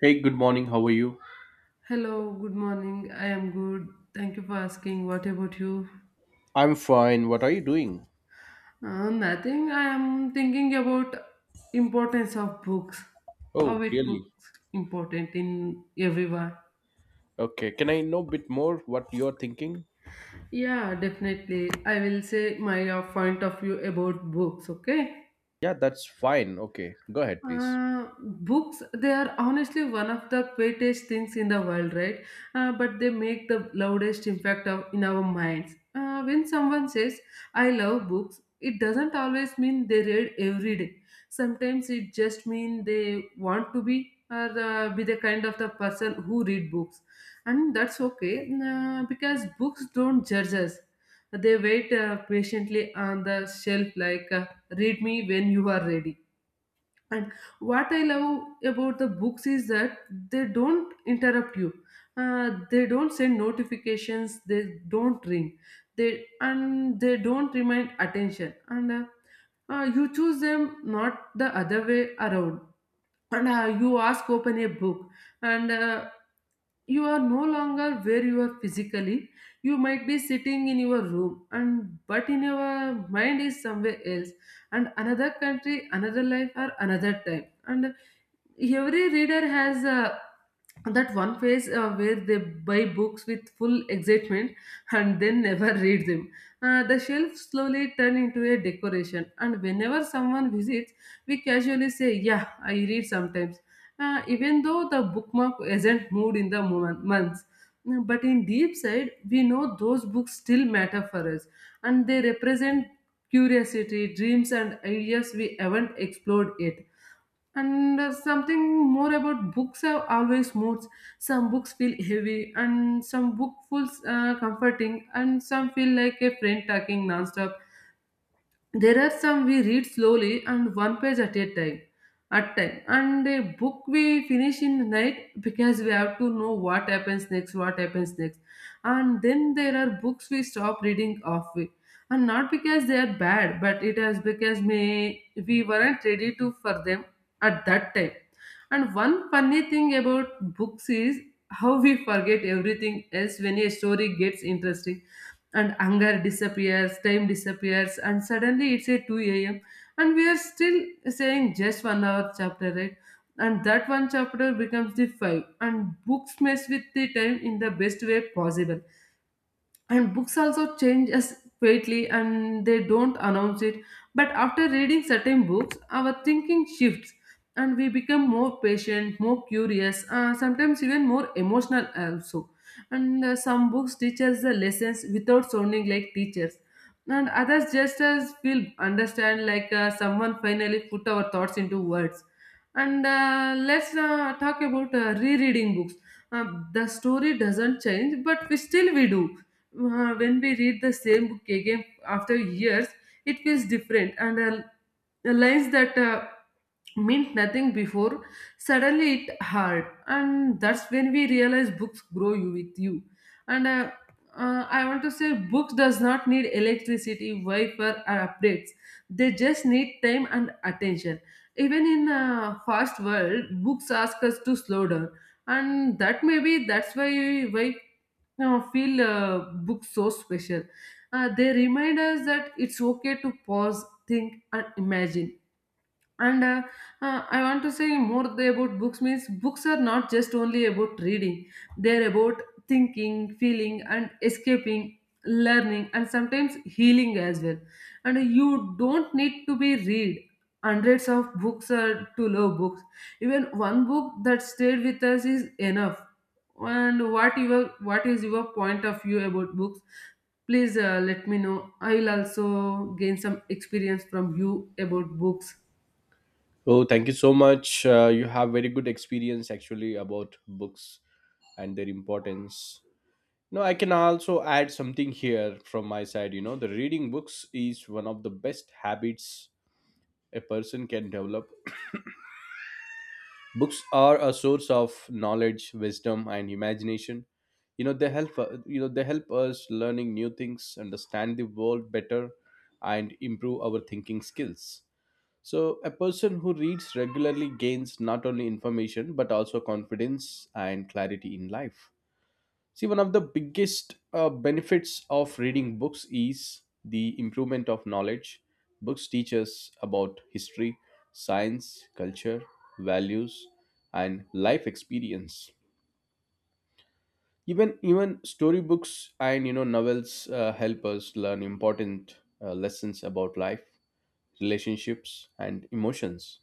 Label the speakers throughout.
Speaker 1: Hey, good morning. How are you?
Speaker 2: Hello, good morning. I am good. Thank you for asking. What about you?
Speaker 1: I'm fine. What are you doing?
Speaker 2: Nothing. I am thinking about importance of books.
Speaker 1: Oh,
Speaker 2: How it
Speaker 1: really?
Speaker 2: books important in everyone.
Speaker 1: Okay. Can I know a bit more what you're thinking?
Speaker 2: Yeah, definitely. I will say my point of view about books. Okay.
Speaker 1: Yeah, that's fine. Okay. Go ahead, please.
Speaker 2: Books, they are honestly one of the greatest things in the world, right? But they make the loudest impact of, in our minds. When someone says, I love books, it doesn't always mean they read every day. Sometimes it just means they want to be or be the kind of the person who read books. And that's okay because books don't judge us. They wait patiently on the shelf like, read me when you are ready. And what I love about the books is that they don't interrupt you. They don't send notifications. They don't ring. They and they don't remind attention. And you choose them, not the other way around, and you ask open a book and you are no longer where you are physically. You might be sitting in your room and but in your mind is somewhere else, and another country, another life, or another time. And every reader has that one phase where they buy books with full excitement and then never read them. The shelves slowly turn into a decoration, and whenever someone visits, we casually say, "Yeah, I read sometimes," even though the bookmark isn't moved in the moment, months. But in deep side, we know those books still matter for us, and they represent curiosity, dreams, and ideas we haven't explored yet. And something more about books have always moods. Some books feel heavy, and some book feels comforting, and some feel like a friend talking nonstop. There are some we read slowly and one page at a time, at time, and a book we finish in the night because we have to know what happens next, what happens next. And then there are books we stop reading halfway, and not because they are bad, but it is because may we weren't ready to for them at that time. And one funny thing about books is how we forget everything else when a story gets interesting, and hunger disappears, time disappears, and suddenly it's a 2 a.m. and we are still saying just 1 hour chapter, right? And that one chapter becomes the five, and books mess with the time in the best way possible. And books also change us greatly, and they don't announce it, but after reading certain books our thinking shifts and we become more patient, more curious, sometimes even more emotional also. And some books teach us the lessons without sounding like teachers, and others just as feel understand like someone finally put our thoughts into words. And let's talk about rereading books. uh, the story doesn't change, but we still we do. When we read the same book again after years, it feels different, and the lines that meant nothing before suddenly it hard, and that's when we realize books grow you with you. And I want to say, books does not need electricity, Wi-Fi, or updates. They just need time and attention. Even in a fast world, books ask us to slow down, and that maybe that's why now feel books so special. They remind us that it's okay to pause, think, and imagine. And I want to say more about books means books are not just only about reading. They're about thinking, feeling, and escaping, learning, and sometimes healing as well. And you don't need to be read hundreds of books or to love books. Even one book that stayed with us is enough. And what is your point of view about books? Please, let me know. I will also gain some experience from you about books.
Speaker 1: Oh, thank you so much. You have very good experience actually about books and their importance. No, I can also add something here from my side. You know, the reading books is one of the best habits a person can develop. Books are a source of knowledge, wisdom, and imagination. You know they help us learning new things, understand the world better, and improve our thinking skills. So a person who reads regularly gains not only information but also confidence and clarity in life. See, one of the biggest benefits of reading books is the improvement of knowledge. Books teach us about history, science, culture, values, and life experience. Even storybooks and you know novels help us learn important lessons about life, relationships, and emotions.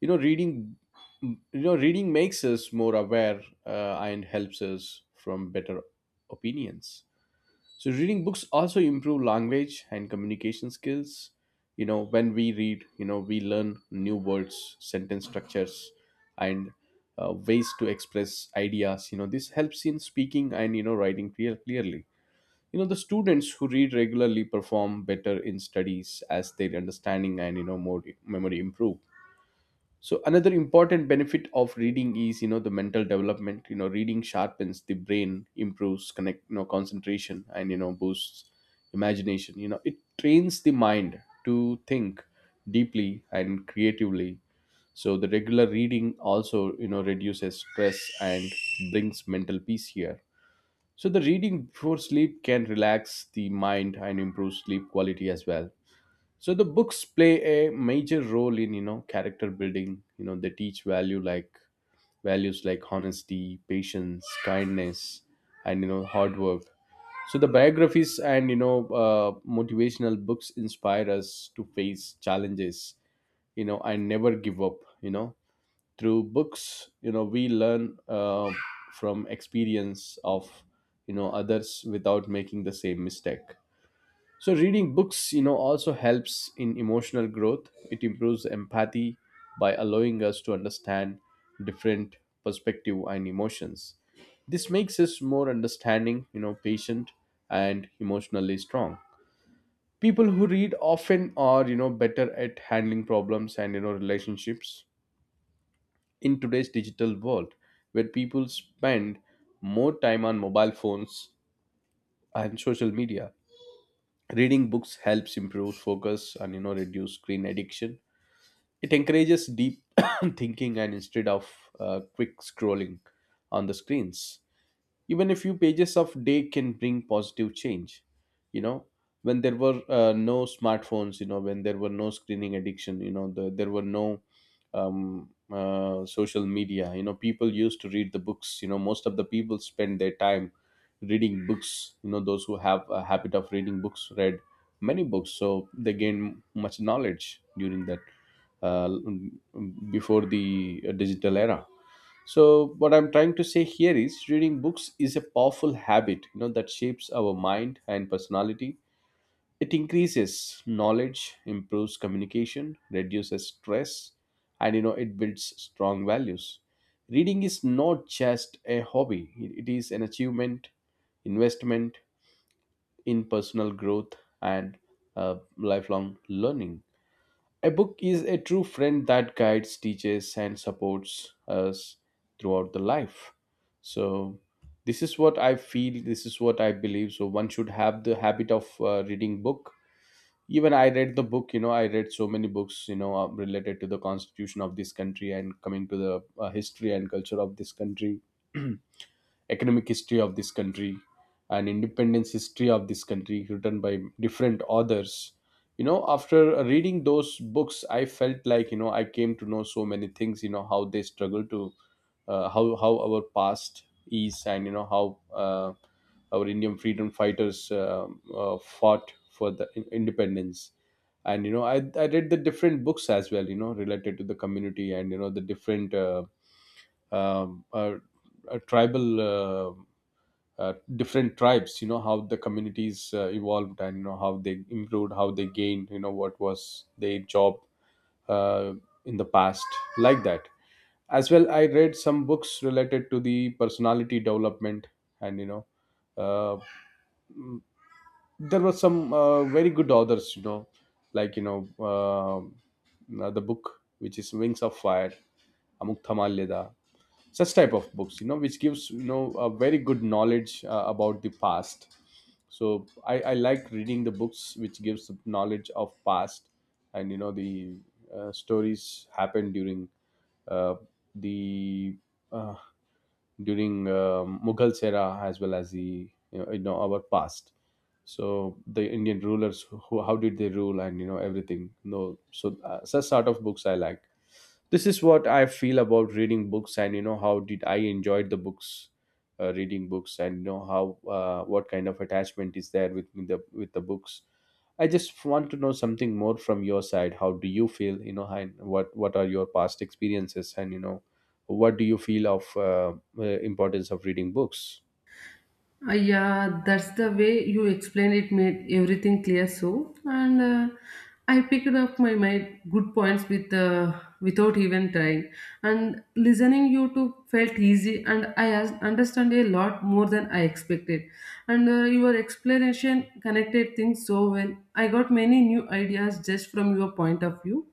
Speaker 1: You know, reading you know, reading makes us more aware and helps us from better opinions. So reading books also improve language and communication skills. You know, when we read, you know, we learn new words, sentence structures, and ways to express ideas. You know, this helps in speaking and you know writing clearly. You know, the students who read regularly perform better in studies as their understanding and you know more memory improve. So another important benefit of reading is you know the mental development. You know reading sharpens the brain, improves connect you know concentration and you know boosts imagination. You know it trains the mind to think deeply and creatively. So the regular reading also you know reduces stress and brings mental peace here. So the reading before sleep can relax the mind and improve sleep quality as well. So the books play a major role in you know character building. You know they teach values like honesty, patience, kindness, and you know hard work. So the biographies and you know motivational books inspire us to face challenges, you know, and never give up. You know, through books, you know, we learn from experience of you know others without making the same mistake. So reading books, you know, also helps in emotional growth. It improves empathy by allowing us to understand different perspective and emotions. This makes us more understanding, you know, patient and emotionally strong. People who read often are, you know, better at handling problems and you know relationships in today's digital world where people spend more time on mobile phones and social media. Reading books helps improve focus and you know reduce screen addiction. It encourages deep thinking and instead of quick scrolling on the screens. Even a few pages of day can bring positive change, you know. When there were no smartphones, you know, when there were no screening addiction, you know, there were no social media. You know, people used to read the books. You know, most of the people spend their time reading books. You know, those who have a habit of reading books read many books, so they gain much knowledge during that, uh, before the digital era. So what I'm trying to say here is reading books is a powerful habit, you know, that shapes our mind and personality. It increases knowledge, improves communication, reduces stress, and you know, it builds strong values. Reading is not just a hobby, it is an achievement, investment in personal growth and lifelong learning. A book is a true friend that guides, teaches, and supports us throughout the life. So, this is what I feel. This is what I believe. So, one should have the habit of reading book. Even I read the book. You know, I read so many books. You know, related to the constitution of this country and coming to the history and culture of this country, economic history of this country, and independence history of this country written by different authors. You know after reading those books I felt like, you know, I came to know so many things. You know, how they struggle to, how our past is. And you know how our Indian freedom fighters fought for the independence. And you know I read the different books as well, you know, related to the community and you know the different um, uh, tribal, different tribes. You know how the communities evolved and you know how they improved, how they gained, you know, what was their job uh, in the past. Like that, as well, I read some books related to the personality development. And you know uh, there were some very good authors, you know, like you know um, the book which is Wings of Fire, Amuk Thamal Leda. Such type of books, you know, which gives you know a very good knowledge about the past. So I like reading the books which gives the knowledge of past and you know the stories happen during uh, the uh, during Mughal era as well as the you know our past. So the Indian rulers who how did they rule and you know everything no, so such sort of books I like. This is what I feel about reading books, and you know how did I enjoyed the books, reading books, and you know how, what kind of attachment is there with the books. I just want to know something more from your side. How do you feel, you know, and what are your past experiences and you know what do you feel of importance of reading books?
Speaker 2: Yeah, that's the way you explained it made everything clear. So, and I picked up my good points with without even trying. And listening you to felt easy, and I understand a lot more than I expected. And your explanation connected things so well. I got many new ideas just from your point of view,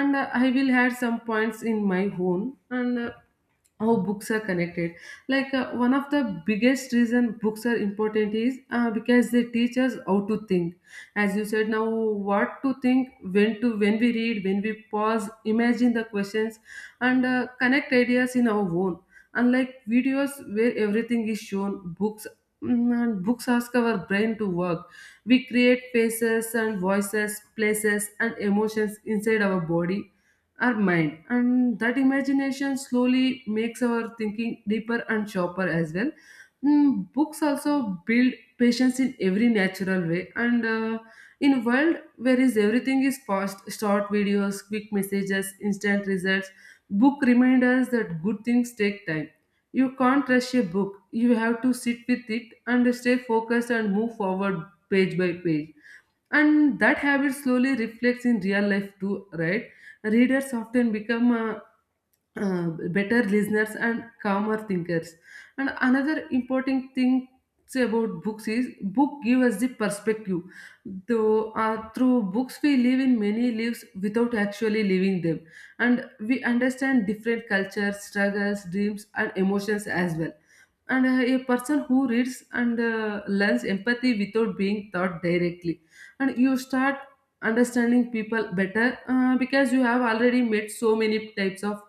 Speaker 2: and I will add some points in my own and. How books are connected, like one of the biggest reason books are important is because they teach us how to think, as you said now, what to think, when to when we read, when we pause, imagine the questions and connect ideas in our own. Unlike videos where everything is shown, books, mm, and books ask our brain to work. We create faces and voices, places and emotions inside our body, our mind, and that imagination slowly makes our thinking deeper and sharper as well. Mm, books also build patience in every natural way, and in a world where is everything is fast, short videos, quick messages, instant results, book remind us that good things take time. You can't rush a book. You have to sit with it and stay focused and move forward page by page. And that habit slowly reflects in real life too, right? Readers often become better listeners and calmer thinkers. And another important thing about books is book give us the perspective, though through books we live in many lives without actually living them, and we understand different cultures, struggles, dreams, and emotions as well. And a person who reads and learns empathy without being taught directly, and you start understanding people better because you have already met so many types of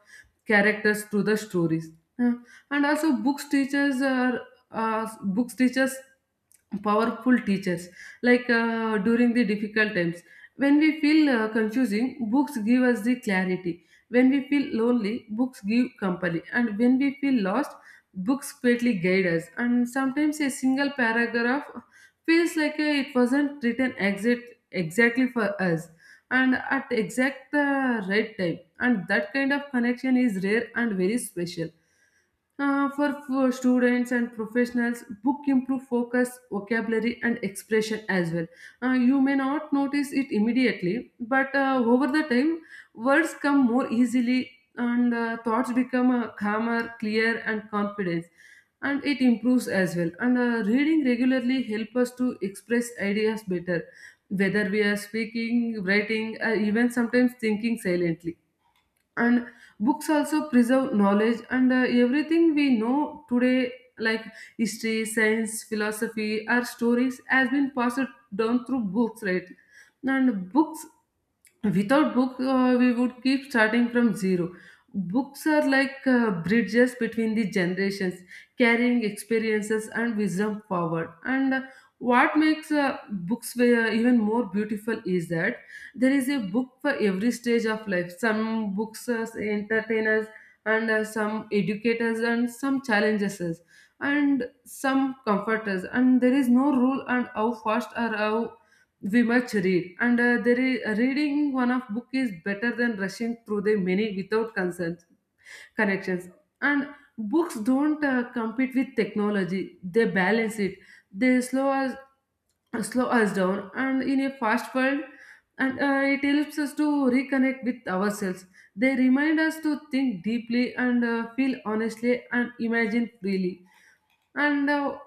Speaker 2: characters through the stories. Uh, and also uh, books teachers powerful teachers, like during the difficult times, when we feel confusing, books give us the clarity. When we feel lonely, books give company, and when we feel lost, books greatly guide us. And sometimes a single paragraph feels like it wasn't written exactly for us and at exact the right time, and that kind of connection is rare and very special. For students and professionals, book improve focus, vocabulary, and expression as well. You may not notice it immediately, but over the time, words come more easily, and thoughts become calmer, clear, and confident. And it improves as well. And reading regularly help us to express ideas better, whether we are speaking, writing, even sometimes thinking silently. And books also preserve knowledge, and everything we know today, like history, science, philosophy, our stories has been passed down through books, right? And books, without book, we would keep starting from zero. Books are like bridges between the generations, carrying experiences and wisdom forward. And what makes books even more beautiful is that there is a book for every stage of life. Some books entertain us, and some educate us, and some challenges us, and some comfort us. And there is no rule on how fast or how we must read. And reading one of book is better than rushing through the many without concerns, connections. And books don't compete with technology, they balance it. They slow us down and in a fast world, and it helps us to reconnect with ourselves. They remind us to think deeply and feel honestly and imagine freely. and uh,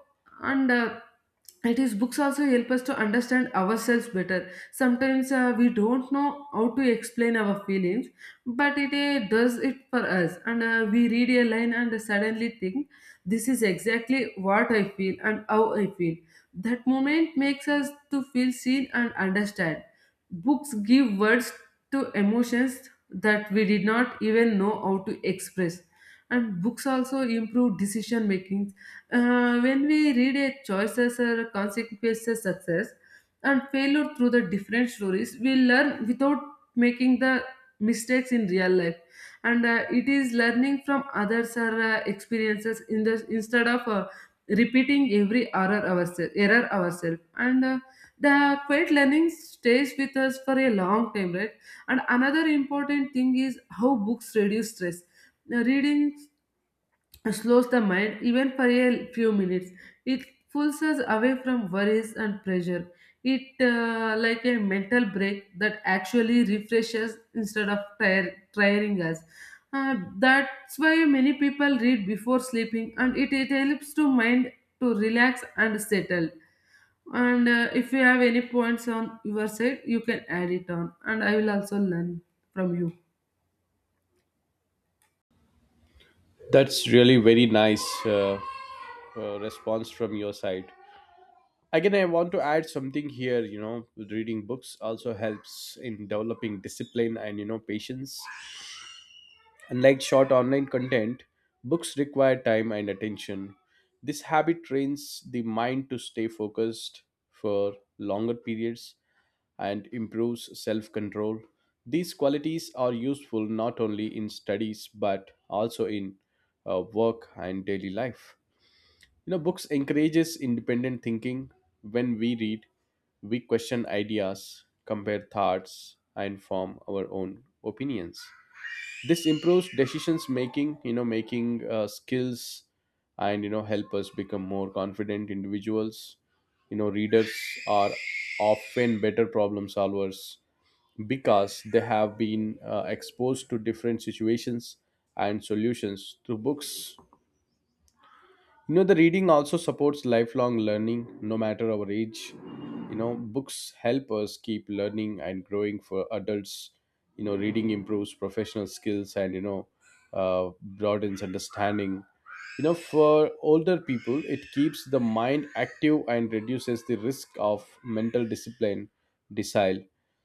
Speaker 2: and uh, it is books also help us to understand ourselves better. Sometimes we don't know how to explain our feelings, but it does it for us. And we read a line and suddenly think, this is exactly what I feel and how I feel. That moment makes us to feel seen and understand. Books give words to emotions that we did not even know how to express. And books also improve decision making. When we read a choices or consequences, success and failure through the different stories, we learn without making the mistakes in real life. And it is learning from others or experiences in the, instead of repeating every error ourselves. Error ourselves. And the quiet learning stays with us for a long time, right? And another important thing is how books reduce stress. Now, reading slows the mind even for a few minutes, it pulls us away from worries and pressure. It like a mental break that actually refreshes instead of tiring us. That's why many people read before sleeping and it helps to mind to relax and settle. And if you have any points on your side you can add it on and I will also learn from you.
Speaker 1: That's really very nice uh, response from your side. Again, I want to add something here. You know, reading books also helps in developing discipline and, you know, patience. Unlike short online content, books require time and attention. This habit trains the mind to stay focused for longer periods and improves self control. These qualities are useful not only in studies but also in work and daily life. You know, books encourages independent thinking. When we read, we question ideas, compare thoughts, and form our own opinions. This improves decisions making, you know, making skills, and you know, help us become more confident individuals. You know, readers are often better problem solvers because they have been exposed to different situations and solutions through books. You know, the reading also supports lifelong learning, no matter our age. You know, books help us keep learning and growing for adults. You know, reading improves professional skills and, you know, broadens understanding. You know, for older people, it keeps the mind active and reduces the risk of mental desile.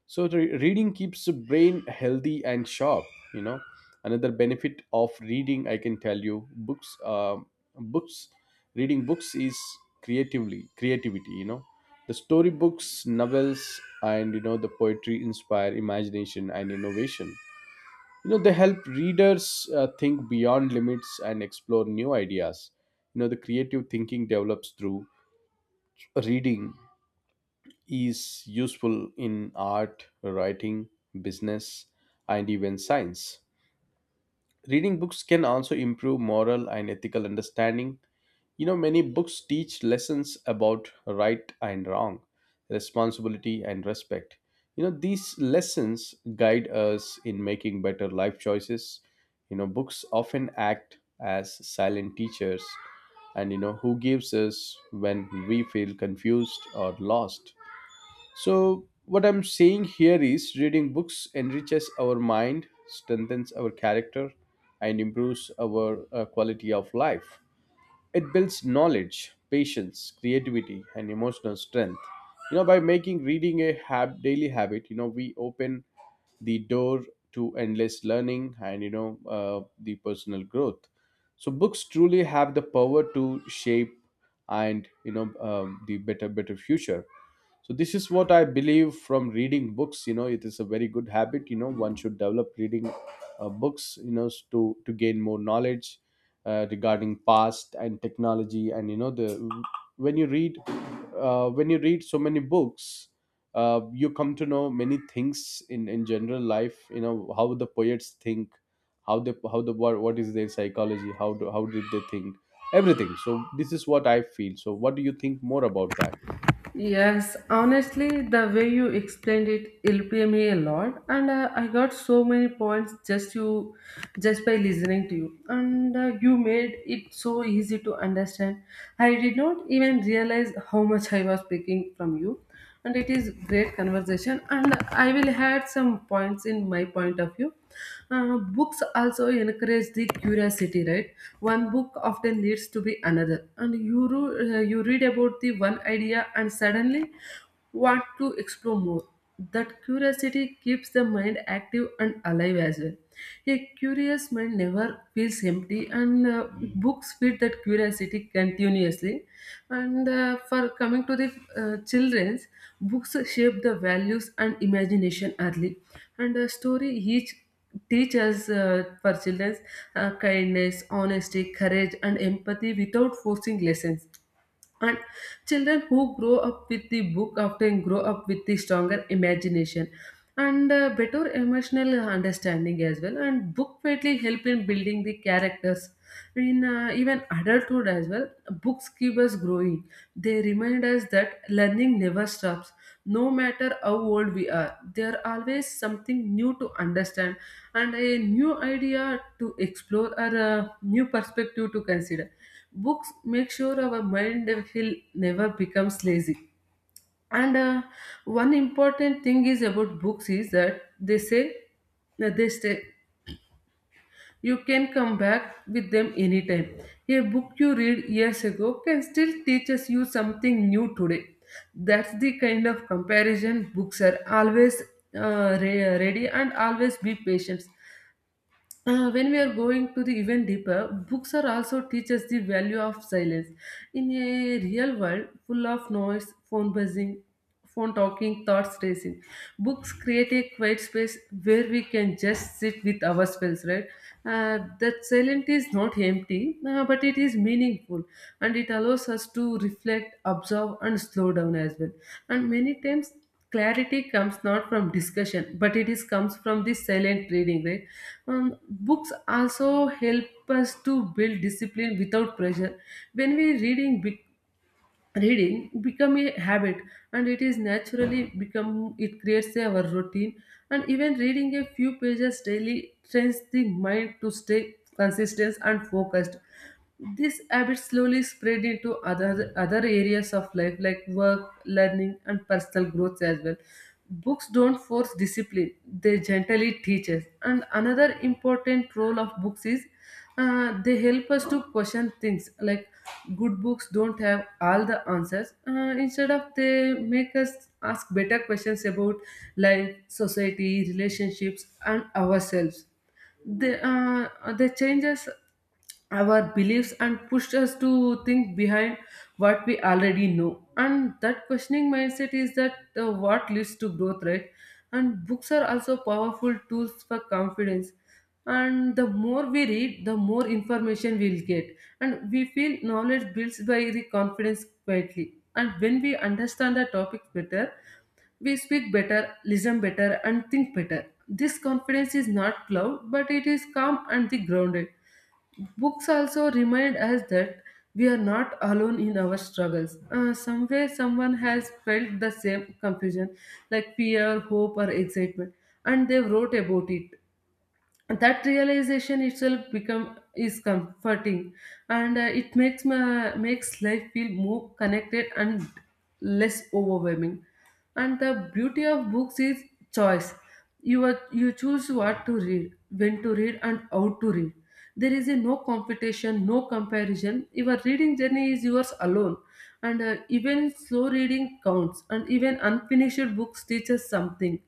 Speaker 1: So, reading keeps the brain healthy and sharp, you know. Another benefit of reading I can tell you, books books reading books is creatively creativity, you know. The storybooks, novels, and you know the poetry inspire imagination and innovation. You know, they help readers think beyond limits and explore new ideas. You know, the creative thinking develops through reading is useful in art, writing, business, and even science. Reading books can also improve moral and ethical understanding. You know, many books teach lessons about right and wrong, responsibility and respect. You know, these lessons guide us in making better life choices. You know, books often act as silent teachers and, you know, who gives us when we feel confused or lost. So, what I'm saying here is reading books enriches our mind, strengthens our character, and improves our quality of life. It builds knowledge, patience, creativity, and emotional strength. You know, by making reading a daily habit, you know, we open the door to endless learning and, you know, the personal growth. So, books truly have the power to shape and, you know, the better, better future. So this is what I believe from reading books. You know, it is a very good habit. You know, one should develop reading books, you know, to gain more knowledge regarding past and technology. And you know the when you read so many books, you come to know many things in general life. You know how the poets think, how the, what is their psychology, how did they think, everything. So this is what I feel. So what do you think more about that?
Speaker 2: Yes, honestly, the way you explained it helped me a lot, and I got so many points just by listening to you, and you made it so easy to understand. I did not even realize how much I was picking from you, and it is great conversation, and I will add some points in my point of view. Books also encourage the curiosity, right? One book often leads to be another, and you read about the one idea and suddenly want to explore more. That curiosity keeps the mind active and alive as well. A curious mind never feels empty, and books feed that curiosity continuously. And for coming to the children's, books shape the values and imagination early, and a story each teach us for children kindness, honesty, courage, and empathy without forcing lessons. And children who grow up with the book often grow up with the stronger imagination and better emotional understanding as well. And book greatly help in building the characters. In even adulthood as well, books keep us growing. They remind us that learning never stops, no matter how old we are. There are always something new to understand and a new idea to explore or a new perspective to consider. Books make sure our mind will never becomes lazy. And One important thing is about books is that they say that they stay. You can come back with them anytime. A book you read years ago can still teaches you something new today. That's the kind of comparison books are always ready and always be patient. When we are going to the even deeper, books are also teach us the value of silence. In a real world full of noise, phone buzzing, phone talking, thoughts racing, books create a quiet space where we can just sit with ourselves, right? That silence is not empty, but it is meaningful, and it allows us to reflect, observe, and slow down as well. And many times clarity comes not from discussion but it is comes from the silent reading, right? Books also help us to build discipline without pressure. When we reading big, reading become a habit, and it is naturally become, it creates our routine, and even reading a few pages daily trains the mind to stay consistent and focused. This habit slowly spread into other areas of life like work, learning, and personal growth as well. Books don't force discipline, they gently teach us. And another important role of books is they help us to question things like good books don't have all the answers. Instead of they make us ask better questions about life, society, relationships, and ourselves. They uh, they change us, our beliefs, and pushed us to think behind what we already know, and that questioning mindset is that what leads to growth, right? And books are also powerful tools for confidence, and the more we read the more information we'll get, and we feel knowledge builds by the confidence quietly, and when we understand the topic better we speak better, listen better, and think better. This confidence is not loud, but it is calm and the grounded. Books also remind us that we are not alone in our struggles. Somewhere, someone has felt the same confusion, like fear, hope, or excitement, and they wrote about it. That realization itself become is comforting, and it makes life feel more connected and less overwhelming. And the beauty of books is choice. You choose what to read, when to read, and how to read. There is a no competition, no comparison, your reading journey is yours alone. And even slow reading counts, and even unfinished books teaches something.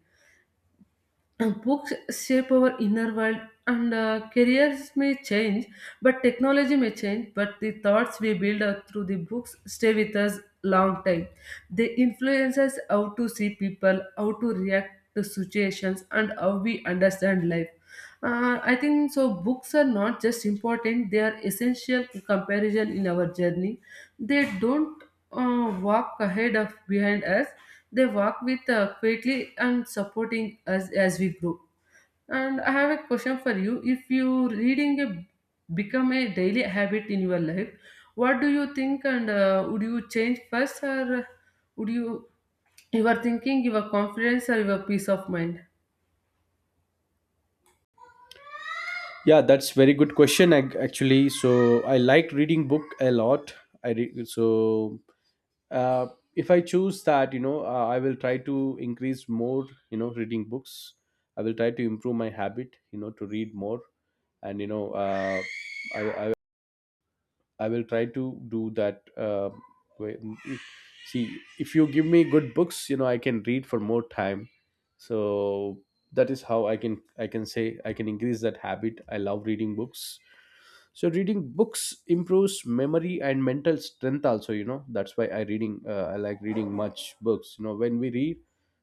Speaker 2: Books shape our inner world, and careers may change, but technology may change, but the thoughts we build up through the books stay with us long time. They influence us how to see people, how to react to situations, and how we understand life. I think so. Books are not just important; they are essential comparison in our journey. They don't walk ahead of behind us. They walk with quietly and supporting us as we grow. And I have a question for you. If you reading a, become a daily habit in your life, what do you think? And would you change first, or would you your thinking, your confidence, or your peace of mind?
Speaker 1: Yeah, that's very good question actually. So I like reading book a lot. I re- so uh, if I choose that, you know, I will try to increase more, you know, reading books. I will try to improve my habit, you know, to read more, and I, I I will try to do that. Way- See, if you give me good books, you know, I can read for more time. So that is how I can say I can increase that habit. I love reading books. So reading books improves memory and mental strength also, you know. That's why I like reading much books, you know. When we read,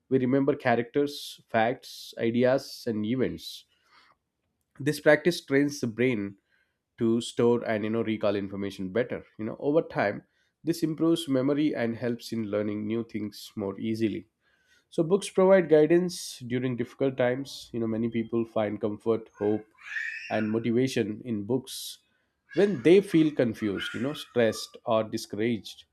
Speaker 1: we remember characters, facts, ideas and events. This practice trains the brain to store and, you know, recall information better, you know, over time. This improves memory and helps in learning new things more easily. So books provide guidance during difficult times. You know, many people find comfort, hope, and motivation in books when they feel confused, stressed or discouraged.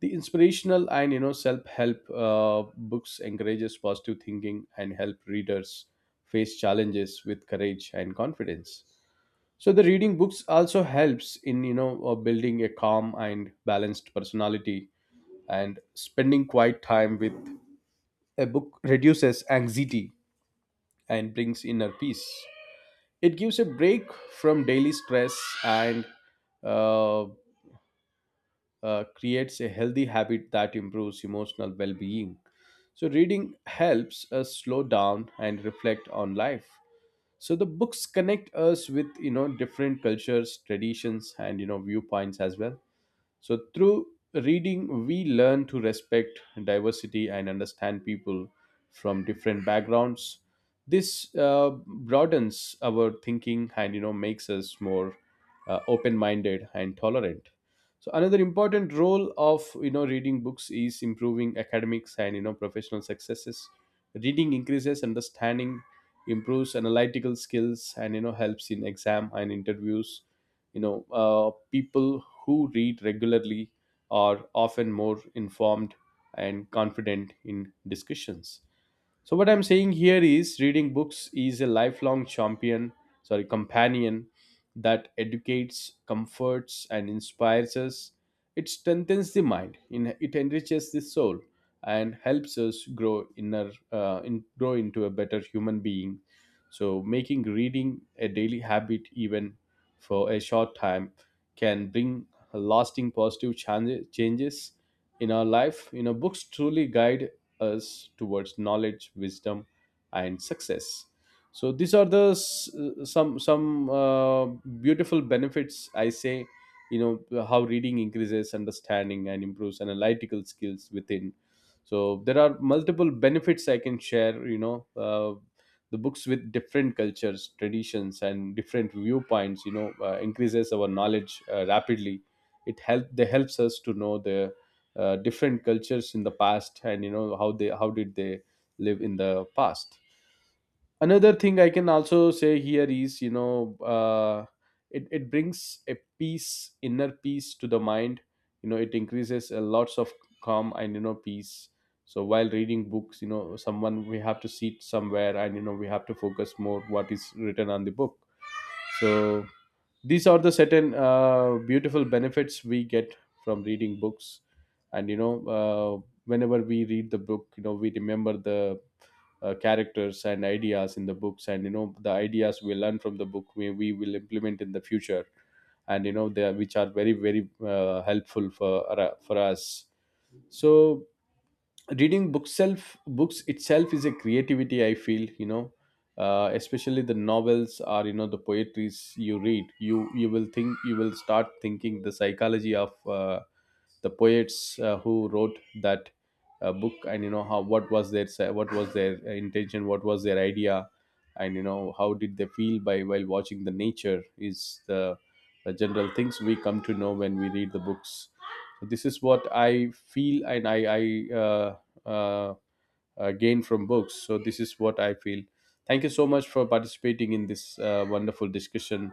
Speaker 1: The inspirational and, you know, self-help books encourages positive thinking and help readers face challenges with courage and confidence. So the reading books also helps in, building a calm and balanced personality, and spending quiet time with a book reduces anxiety and brings inner peace. It gives a break from daily stress, and uh, creates a healthy habit that improves emotional well being. So, reading helps us slow down and reflect on life. So, the books connect us with, you know, different cultures, traditions, and, you know, viewpoints as well. So, through reading, we learn to respect diversity and understand people from different backgrounds. This broadens our thinking and, you know, makes us more open-minded and tolerant. So, another important role of, you know, reading books is improving academics and, you know, professional successes. Reading increases understanding, improves analytical skills, and, you know, helps in exam and interviews. People who read regularly are often more informed and confident in discussions. So what I'm saying here is reading books is a lifelong companion that educates, comforts and inspires us. It strengthens the mind, it enriches the soul and helps us grow grow into a better human being. So making reading a daily habit, even for a short time, can bring lasting positive changes in our life. You know, books truly guide us towards knowledge, wisdom, and success. So these are the some beautiful benefits I say. You know how reading increases understanding and improves analytical skills within. So there are multiple benefits I can share. You know. The books with different cultures, traditions and different viewpoints, you know, increases our knowledge rapidly. It help they helps us to know the different cultures in the past, and, you know, how did they live in the past. Another thing I can also say here is, you know, it brings a peace, inner peace, to the mind. You know, it increases a lots of calm and, you know, peace. So while reading books, you know, someone, we have to sit somewhere and, you know, we have to focus more what is written on the book. So these are the certain beautiful benefits we get from reading books. And, you know, whenever we read the book, you know, we remember the characters and ideas in the books. And, you know, the ideas we learn from the book, we will implement in the future. And, you know, they are, which are very very helpful for, for us. So reading books itself is a creativity, I feel, you know. Especially the novels or, you know, the poetries you read, you will think, you will start thinking the psychology of, the poets who wrote that book. And, you know, how, what was their intention, what was their idea, and, you know, how did they feel by while watching the nature. Is the general things we come to know when we read the books. So this is what I feel and I uh, gain from books. So this is what I feel. Thank you so much for participating in this wonderful discussion.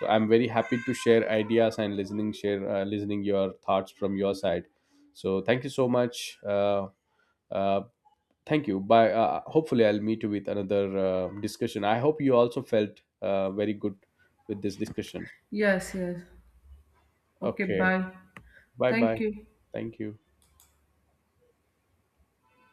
Speaker 1: So I'm very happy to share ideas and listening your thoughts from your side. So thank you so much. Uh, Thank you. Bye. Hopefully I'll meet you with another discussion. I hope you also felt very good with this discussion.
Speaker 2: Yes, yes. Okay,
Speaker 1: Okay.
Speaker 2: bye.
Speaker 1: Bye
Speaker 2: Thank
Speaker 1: bye.
Speaker 2: you.
Speaker 1: Thank you.